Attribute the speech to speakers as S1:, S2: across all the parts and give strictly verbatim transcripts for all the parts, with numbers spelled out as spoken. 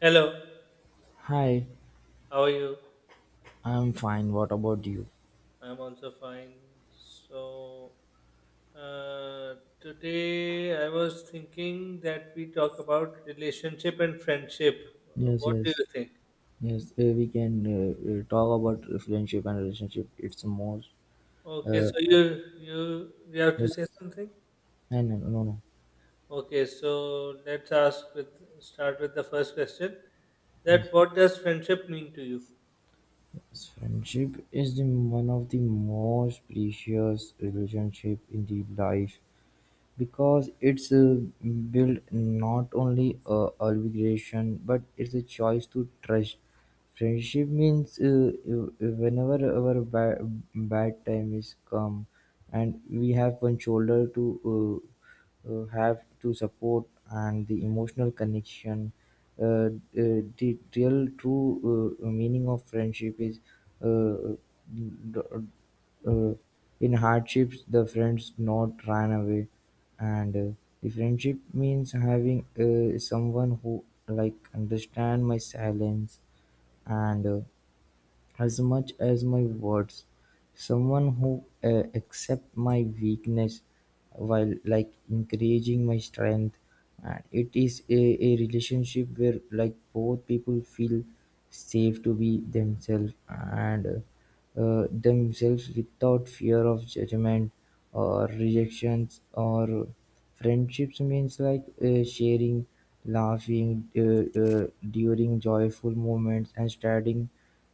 S1: Hello,
S2: Hi,
S1: how are you?
S2: I'm fine. What about you?
S1: I'm also fine. So, uh, today I was thinking that we talk about relationship and friendship. Uh,
S2: Yes,
S1: What do
S2: yes,
S1: you think?
S2: yes. Uh, we can uh, uh, talk about friendship and relationship. It's more.
S1: Okay,
S2: Uh,
S1: so you you you have to
S2: yes.
S1: say something?
S2: No, no, no, no.
S1: Okay, so let's ask with start with the first question.
S2: Yes.
S1: That what does friendship mean to you?
S2: Yes, friendship is the one of the most precious relationship in the life, because it's uh, built not only uh, obligation but it's a choice to trust. Friendship means uh, uh, whenever our bad bad time is come, and we have one shoulder to uh, uh, have to support and the emotional connection. Uh, uh, the real true uh, meaning of friendship is uh, uh, in hardships the friends not ran away, and uh, the friendship means having uh, someone who like understand my silence and uh, as much as my words, someone who uh, accepts my weakness while like encouraging my strength, and it is a, a relationship where like both people feel safe to be themselves and uh, uh, themselves without fear of judgment or rejections, or friendships means like uh, sharing laughing uh, uh, during joyful moments and starting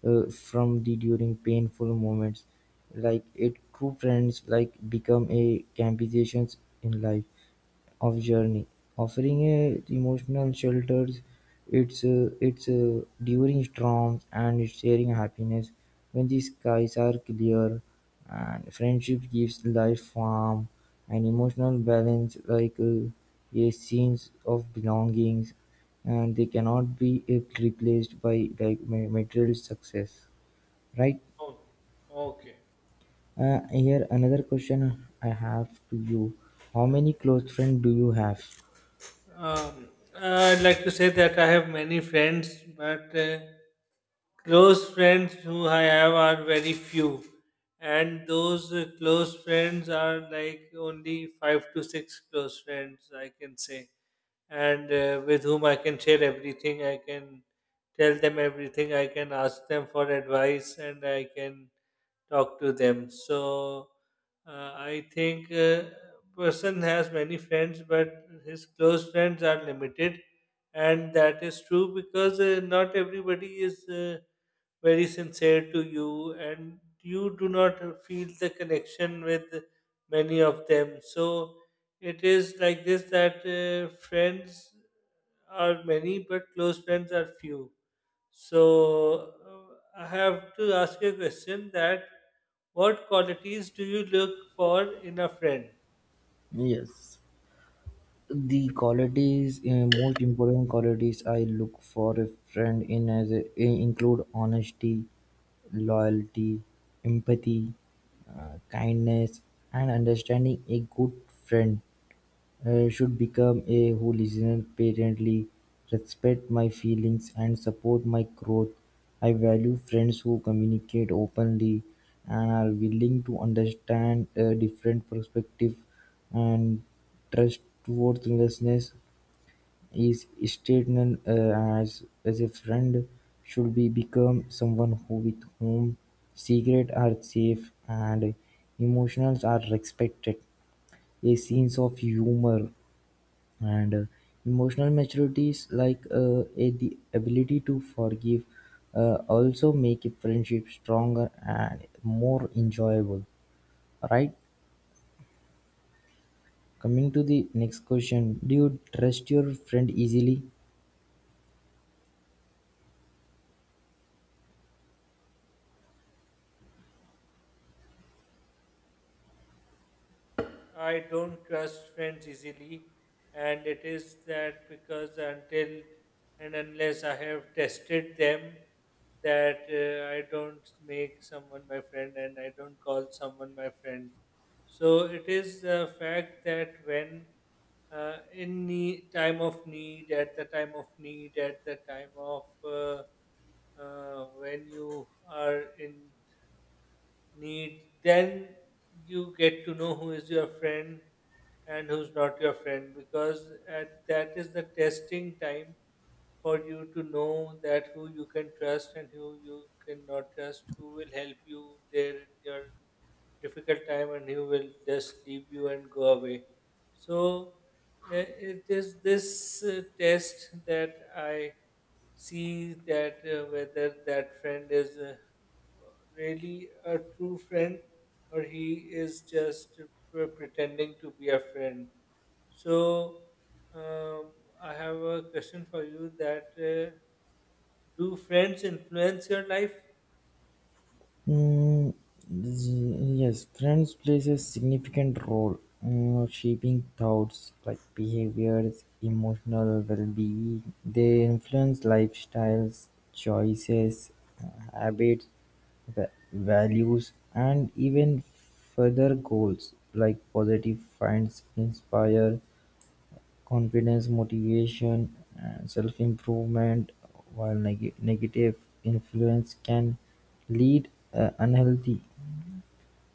S2: uh, from the during painful moments. Like it, true friends like become a companions in life of journey, offering a emotional shelters, its uh, its uh, during storms and sharing happiness when the skies are clear. And friendship gives life warmth and emotional balance, like uh, a sense of belongings, and they cannot be uh, replaced by like ma- material success, right?
S1: Oh, okay.
S2: Uh, here another question I have to you: how many close friends do you have?
S1: Um, I'd like to say that I have many friends, but uh, close friends who I have are very few, and those uh, close friends are like only five to six close friends, I can say, and uh, with whom I can share everything. I can tell them everything. I can ask them for advice, and I can talk to them. So uh, I think uh, person has many friends, but his close friends are limited, and that is true because uh, not everybody is uh, very sincere to you, and you do not feel the connection with many of them. So it is like this that uh, friends are many, but close friends are few. So uh, I have to ask you a question that what qualities do you look for in a friend?
S2: Yes. The qualities, uh, most important qualities I look for a friend in as a, include honesty, loyalty, empathy, uh, kindness, and understanding. A good friend uh, should become a who listens patiently, respect my feelings, and support my growth. I value friends who communicate openly and are willing to understand a different perspective and trustworthiness is stated uh, as, as a friend should be become someone who with whom secrets are safe and emotions are respected, a sense of humor and uh, emotional maturity is like uh, a, the ability to forgive uh, also make a friendship stronger and more enjoyable, right? Coming to the next question, do you trust your friend easily?
S1: I don't trust friends easily, and it is that because until and unless I have tested them, that uh, I don't make someone my friend and I don't call someone my friend. So it is the fact that when uh, in nee- time of need, at the time of need, at the time of uh, uh, when you are in need, then you get to know who is your friend and who's not your friend because at that is the testing time for you to know that who you can trust and who you cannot trust, who will help you there in your difficult time and he will just leave you and go away. So eh, it is this uh, test that I see that uh, whether that friend is uh, really a true friend or he is just pre- pretending to be a friend. So um, I have a question for you that uh, do friends influence your life?
S2: Mm, z- yes, friends plays a significant role in shaping thoughts like behaviors, emotional well-being. They influence lifestyles, choices, uh, habits, va- values, and even further goals like positive finds inspire confidence, motivation, and self-improvement, while neg- negative influence can lead uh, unhealthy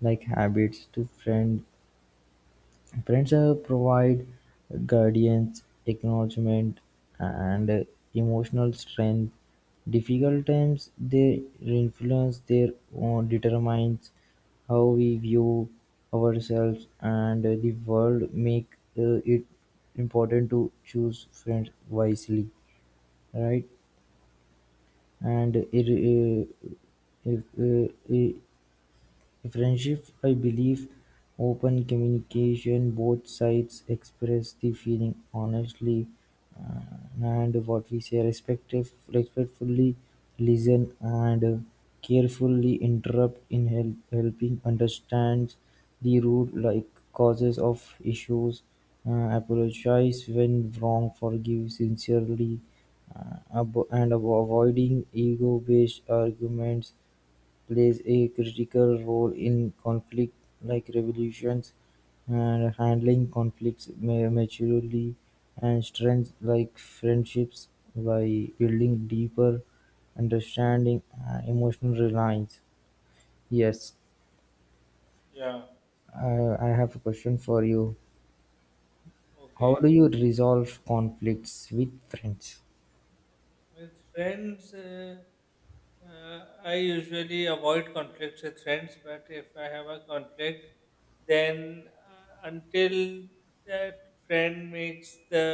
S2: like habits to friend. Friends uh, provide guidance, acknowledgement, and uh, emotional strength. Difficult times they influence their own determines how we view ourselves and uh, the world make uh, it important to choose friends wisely, right? And it, uh, if, uh, friendship, I believe, open communication; both sides express the feeling honestly uh, and what we say respective, respectfully, listen and uh, carefully interrupt in help, helping understand the root like causes of issues, uh, apologize when wrong, forgive sincerely, uh, abo- and avo- avoiding ego-based arguments plays a critical role in conflict like revolutions, and handling conflicts ma- maturely and strengths like friendships by building deeper understanding and emotional reliance. Yes,
S1: Yeah,
S2: I, I have a question for you. How
S1: okay.
S2: do you resolve conflicts with friends?
S1: With friends, uh, uh, I usually avoid conflicts with friends, but if I have a conflict, then uh, until that friend makes the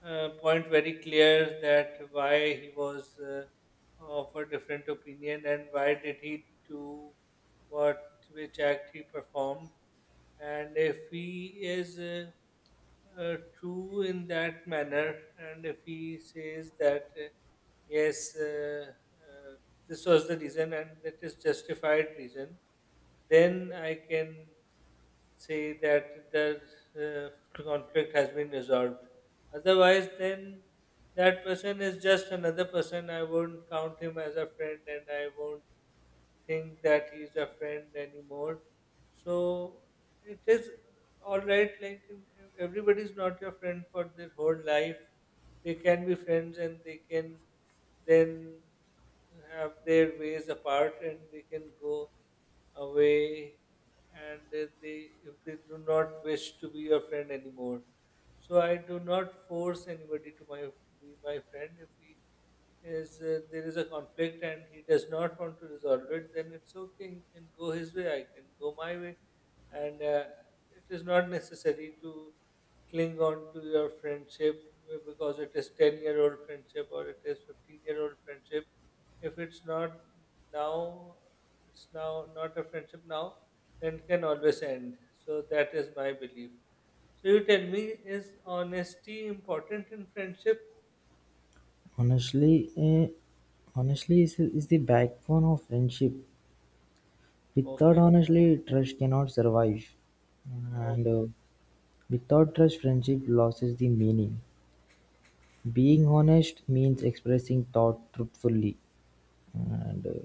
S1: uh, point very clear that why he was uh, of a different opinion and why did he do what which act he performed, and if he is uh, uh, true in that manner, and if he says that uh, yes, uh, uh, this was the reason and it is justified reason, then I can say that the uh, conflict has been resolved. Otherwise, then that person is just another person. I won't count him as a friend, and I won't think that he's a friend anymore. So it is all right. Like everybody's not your friend for their whole life. They can be friends and they can then have their ways apart and they can go away, and if they if they do not wish to be your friend anymore, so I do not force anybody to my be my friend. If he is, uh, there is a conflict and he does not want to resolve it, then it's okay. He can go his way, I can go my way. And uh, it is not necessary to cling on to your friendship uh, because it is ten year old friendship or it is fifteen year old friendship. If it's not now, it's now not a friendship now, then it can always end. So that is my belief. So you tell me, is honesty important in friendship?
S2: Honestly, eh, honestly is, is the backbone of friendship. Without
S1: Okay,
S2: honestly, trust cannot survive. And
S1: okay,
S2: uh, without trust, friendship loses the meaning; being honest means expressing thought truthfully, and uh,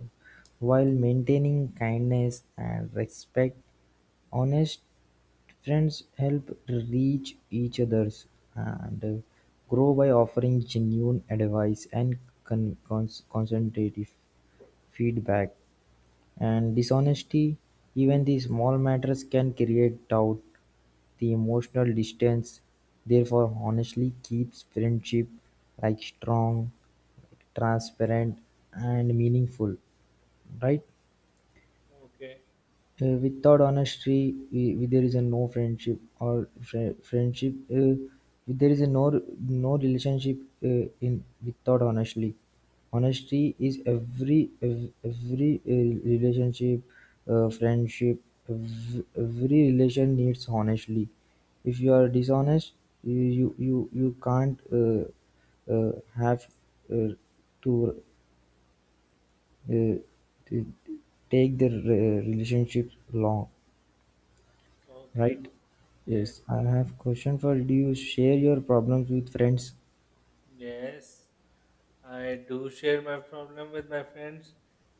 S2: while maintaining kindness and respect. Honest friends help reach each other's and uh, grow by offering genuine advice and con- cons- constructive feedback. And dishonesty, even the small matters can create doubt. The emotional distance therefore honestly keeps friendship like strong, transparent and meaningful, right?
S1: okay.
S2: Uh, without honesty, uh, there is a no friendship or fri friendship. Uh, there is a no no relationship uh, in without honesty. Honesty is every ev- every uh, relationship, uh, friendship, ev- every relation needs honestly. If you are dishonest, you you you, you can't uh, uh, have uh, to uh, to take the re- relationship long.
S1: Okay.
S2: Right?
S1: Yes.
S2: Yes, I have question for you. Do you share your problems with friends?
S1: Yes. I do share my problem with my friends,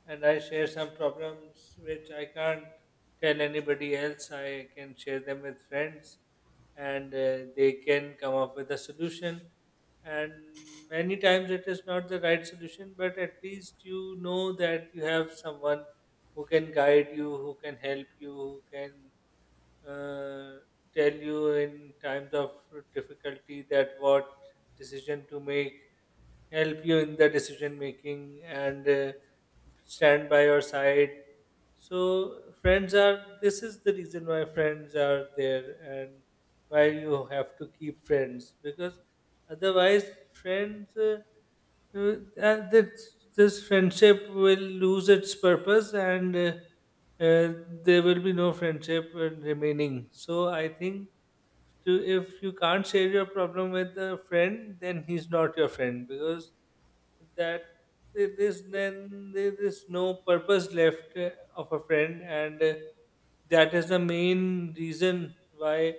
S1: and I share some problems which I can't tell anybody else. I can share them with friends, and uh, they can come up with a solution. And many times it is not the right solution, but at least you know that you have someone who can guide you, who can help you, who can uh, tell you in times of difficulty that what decision to make, help you in the decision making, and uh, stand by your side. So, friends are this is the reason why friends are there and why you have to keep friends. Because otherwise, friends. Uh, uh, uh, this this friendship will lose its purpose and uh, uh, there will be no friendship uh, remaining. So I think, to, if you can't share your problem with a friend, then he's not your friend, because that there is, then there is no purpose left uh, of a friend. And uh, that is the main reason why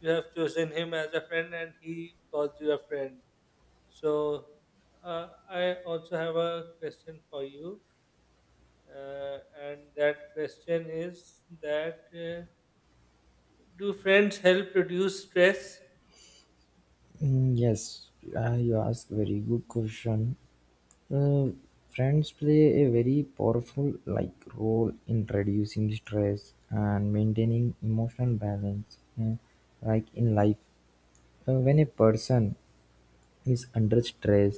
S1: you have chosen him as a friend and he calls you a friend. So uh, I also have a question for you, uh, and that question is that uh, do friends help reduce stress?
S2: Mm, yes, uh, you ask very good question. Uh, Friends play a very powerful like role in reducing stress and maintaining emotional balance uh, like in life. Uh, when a person is under stress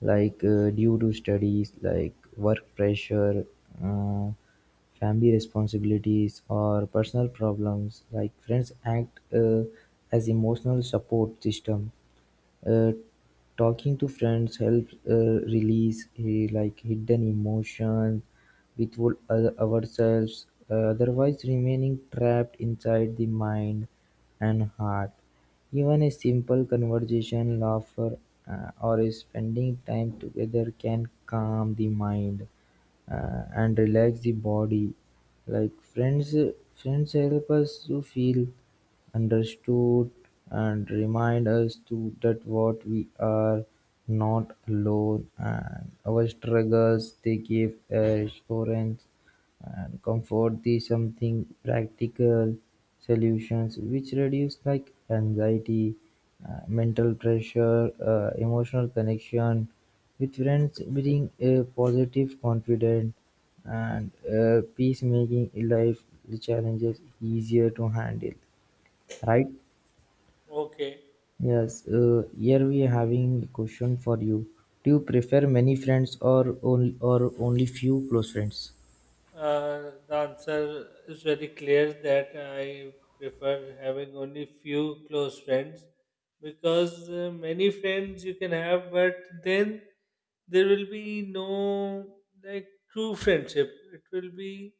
S2: like uh, due to studies like work pressure uh, family responsibilities or personal problems like friends act uh, as emotional support system. uh, Talking to friends helps uh, release he, like hidden emotions without ourselves uh, otherwise remaining trapped inside the mind and heart. Even a simple conversation, laughter, uh, or spending time together can calm the mind uh, and relax the body. Like friends, friends help us to feel understood and remind us to that what we are not alone and our struggles they give assurance and comfort. These something practical solutions which reduce like anxiety, uh, mental pressure, uh, emotional connection with friends bring a positive confidence and uh, peacemaking life challenges easier to handle, right?
S1: Okay,
S2: Yes, uh, here we are having a question for you. Do you prefer many friends or only, or only few close friends?
S1: uh, the answer is very clear that I prefer having only few close friends, because uh, many friends you can have, but then there will be no like true friendship. It will be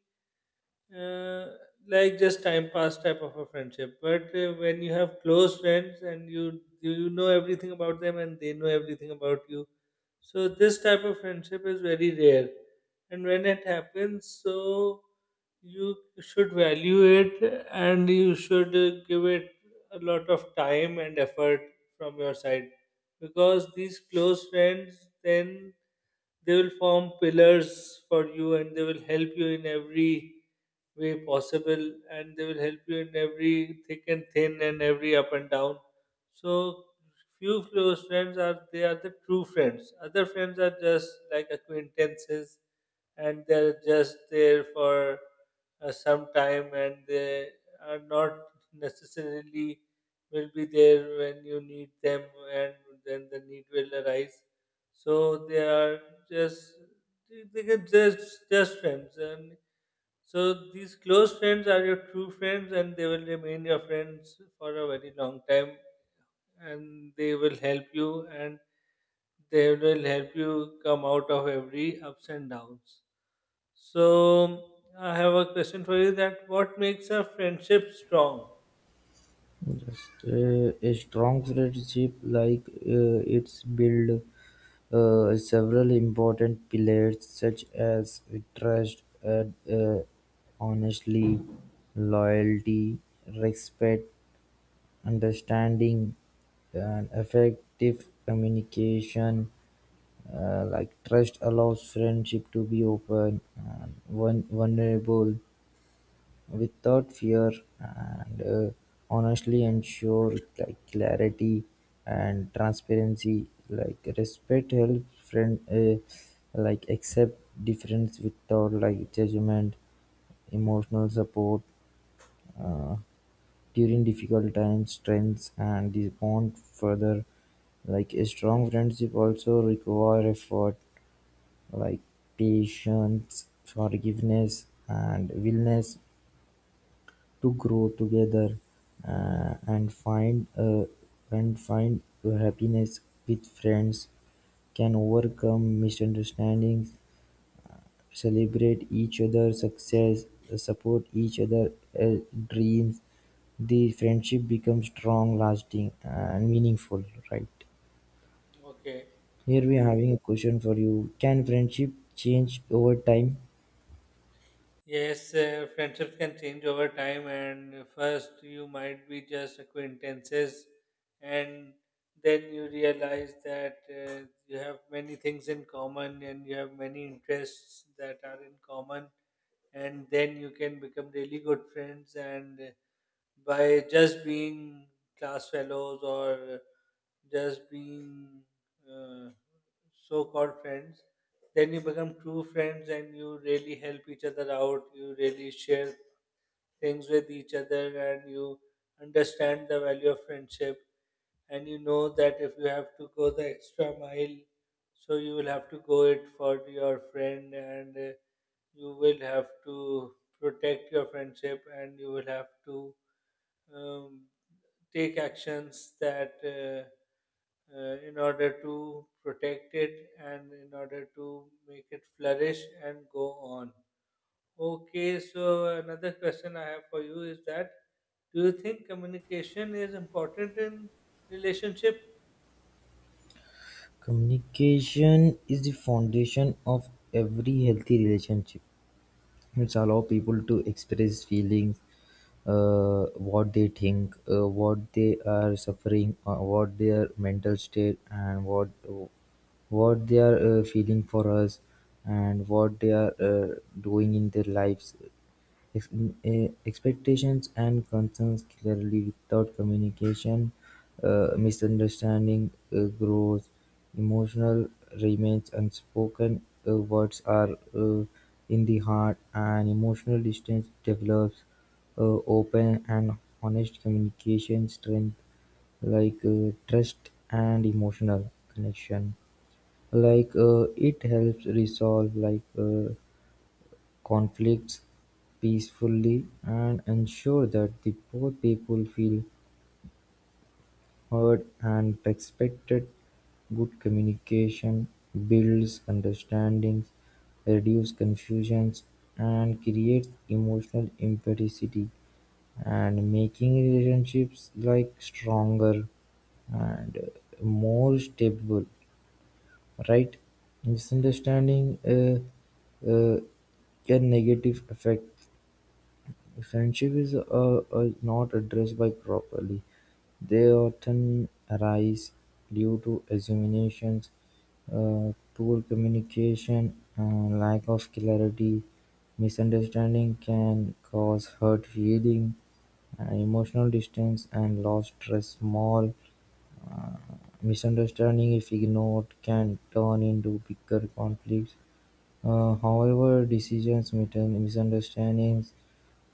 S1: uh, like just time pass type of a friendship. But uh, when you have close friends and you you know everything about them and they know everything about you, so this type of friendship is very rare. And when it happens, so you should value it and you should uh, give it a lot of time and effort from your side, because these close friends then, they will form pillars for you and they will help you in every way possible and they will help you in every thick and thin and every up and down. So few close friends are, they are the true friends. Other friends are just like acquaintances, and they're just there for uh, some time and they are not necessarily will be there when you need them and then the need will arise, so they are just, they they can just just friends. And so these close friends are your true friends, and they will remain your friends for a very long time, and they will help you, and they will help you come out of every ups and downs. So I have a question for you: that what makes a friendship strong?
S2: Just uh, a strong friendship like uh, it's build uh, several important pillars such as trust, uh, uh, honestly, loyalty, respect, understanding, and effective communication. Uh, like trust allows friendship to be open and vul- vulnerable without fear, and uh, honestly ensure like clarity and transparency. Like respect helps friend uh, like accept difference without like judgment, emotional support uh, during difficult times, strengths and this bond further. Like a strong friendship also require effort like patience, forgiveness, and willingness to grow together uh, and find uh, and find happiness with friends can overcome misunderstandings, celebrate each other's success, support each other's dreams. The friendship becomes strong, lasting, and meaningful, right?
S1: Okay,
S2: Here we are having a question for you. Can friendship change over time?
S1: yes, uh, friendships can change over time, and first you might be just acquaintances, and then you realize that uh, you have many things in common and you have many interests that are in common, and then you can become really good friends, and by just being class fellows or just being uh, so called friends, then you become true friends and you really help each other out. You really share things with each other and you understand the value of friendship. And you know that if you have to go the extra mile, so you will have to go it for your friend, and uh, you will have to protect your friendship, and you will have to um, take actions that uh, uh, in order to protect it and in order to make it flourish and go on. Okay, so another question I have for you is that, do you think communication is important in relationship?
S2: Communication is the foundation of every healthy relationship. It's allow people to express feelings, uh, what they think, uh, what they are suffering, uh, what their mental state, and what what they are uh, feeling for us, and what they are uh, doing in their lives. If uh, expectations and concerns clearly without communication, uh, misunderstanding uh, grows, emotional remains unspoken, Uh, words are uh, in the heart, and emotional distance develops. Uh, Open and honest communication strength like uh, trust and emotional connection like uh, it helps resolve like uh, conflicts peacefully and ensure that the poor people feel heard and respected. Good communication builds understandings, reduces confusions, and creates emotional empathy, and making relationships like stronger and uh, more stable, right? Misunderstanding uh, uh, a negative effect. If injuries are not addressed by properly, they often arise due to assumptions, uh, poor communication, and lack of clarity. Misunderstanding can cause hurt feelings, emotional distance, and lost trust. Small misunderstanding, if ignored, can turn into bigger conflicts. Uh, However, decisions, mitan- misunderstandings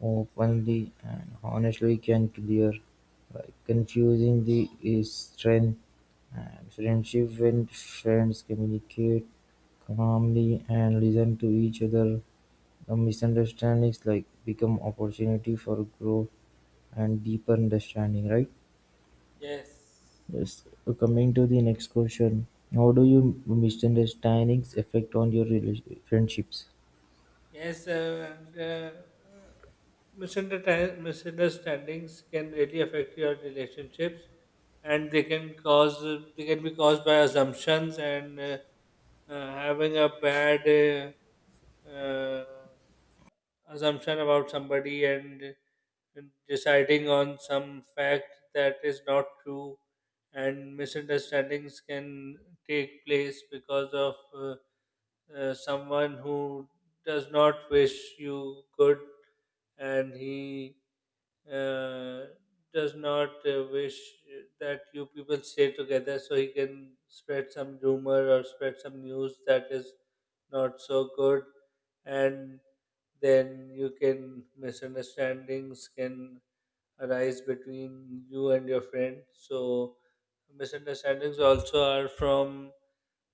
S2: openly and honestly can clear like confusing the is strength and friendship when friends communicate calmly and listen to each other. The misunderstandings like become opportunity for growth and deeper understanding, right?
S1: Yes.
S2: Yes. So coming to the next question, how do you misunderstandings affect on your rela- friendships?
S1: Yes, uh, the uh, misunderta- misunderstandings can really affect your relationships, and they can cause, they can be caused by assumptions and uh, uh, having a bad uh, uh, assumption about somebody and deciding on some fact that is not true. And misunderstandings can take place because of. Uh, uh, someone who does not wish you good and he uh, does not uh, wish that you people stay together, so he can spread some rumor or spread some news that is not so good, and then you can, misunderstandings can arise between you and your friend. So misunderstandings also are from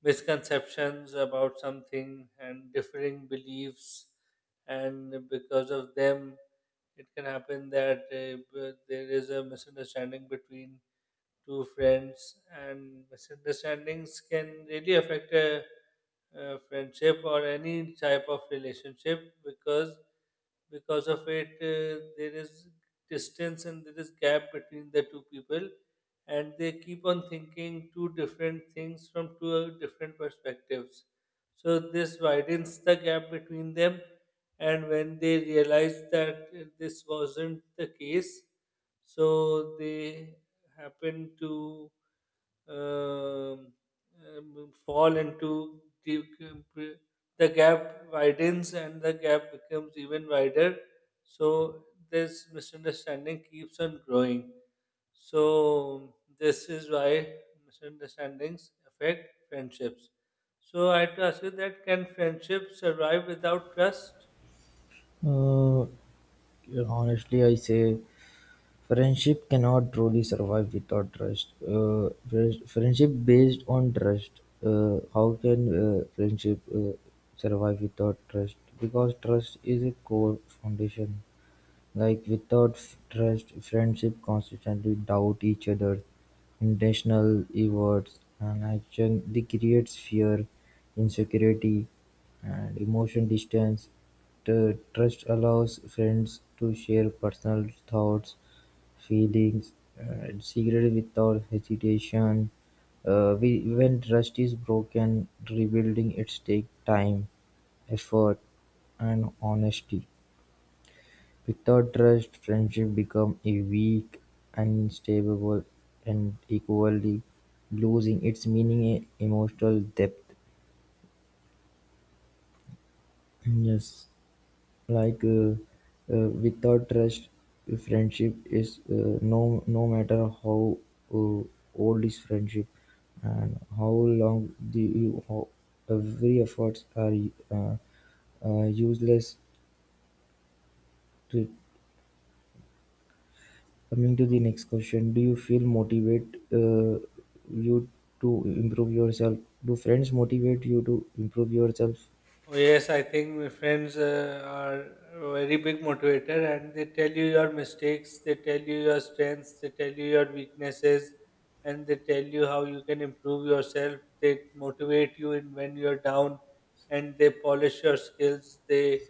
S1: misconceptions about something and differing beliefs, and because of them it can happen that uh, b- there is a misunderstanding between two friends. And misunderstandings can really affect a uh, friendship or any type of relationship, because because of it uh, there is distance and there is gap between the two people and they keep on thinking two different things from two uh, different perspectives, so this widens the gap between them. And when they realize that uh, this wasn't the case, so they happen to um, um, fall into the, the gap widens and the gap becomes even wider. So this misunderstanding keeps on growing. So this is why misunderstandings affect friendships. So I had to ask you, that can friendship survive without trust?
S2: Uh, Honestly, I say friendship cannot truly survive without trust. Uh, friends- friendship based on trust. Uh, how can uh, friendship uh, survive without trust? Because trust is a core foundation. Like without trust, friendship constantly doubt each other, intentional efforts and action. This creates fear, insecurity, and emotion distance. The trust allows friends to share personal thoughts, feelings, and secrets without hesitation. Uh, we, when trust is broken, rebuilding it takes time, effort, and honesty. Without trust, friendship becomes weak, unstable, and equally losing its meaning and emotional depth. Yes, like uh, uh, without trust, friendship is uh, no, no matter how uh, old is friendship and how long the you how every efforts are uh, uh, useless to coming to the next question, do you feel motivate uh, you to improve yourself? Do friends motivate you to improve yourself?
S1: Oh, yes, I think my friends uh, are a very big motivator, and they tell you your mistakes, they tell you your strengths, they tell you your weaknesses, and they tell you how you can improve yourself. They motivate you in when you're down and they polish your skills. They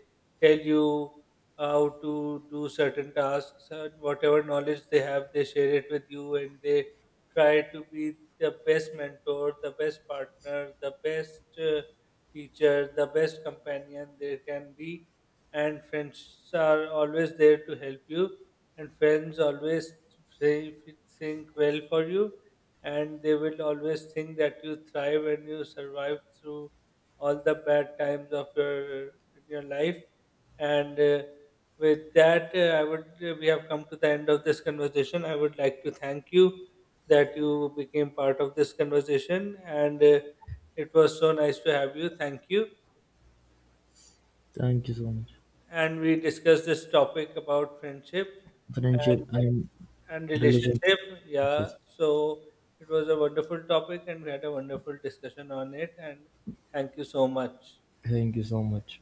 S1: tell you how to do certain tasks, and whatever knowledge they have, they share it with you, and they try to be the best mentor, the best partner, the best. Uh, teacher, the best companion there can be. And friends are always there to help you, and friends always say- think well for you, and they will always think that you thrive and you survive through all the bad times of your in your life. And uh, with that, uh, I would we have come to the end of this conversation. I would like to thank you that you became part of this conversation. And uh, it was so nice to have you. Thank you.
S2: Thank you so much.
S1: And we discussed this topic about friendship and,
S2: Friendship and
S1: and
S2: relationship.
S1: relationship. Yeah. So it was a wonderful topic and we had a wonderful discussion on it. And thank you so much.
S2: Thank you so much.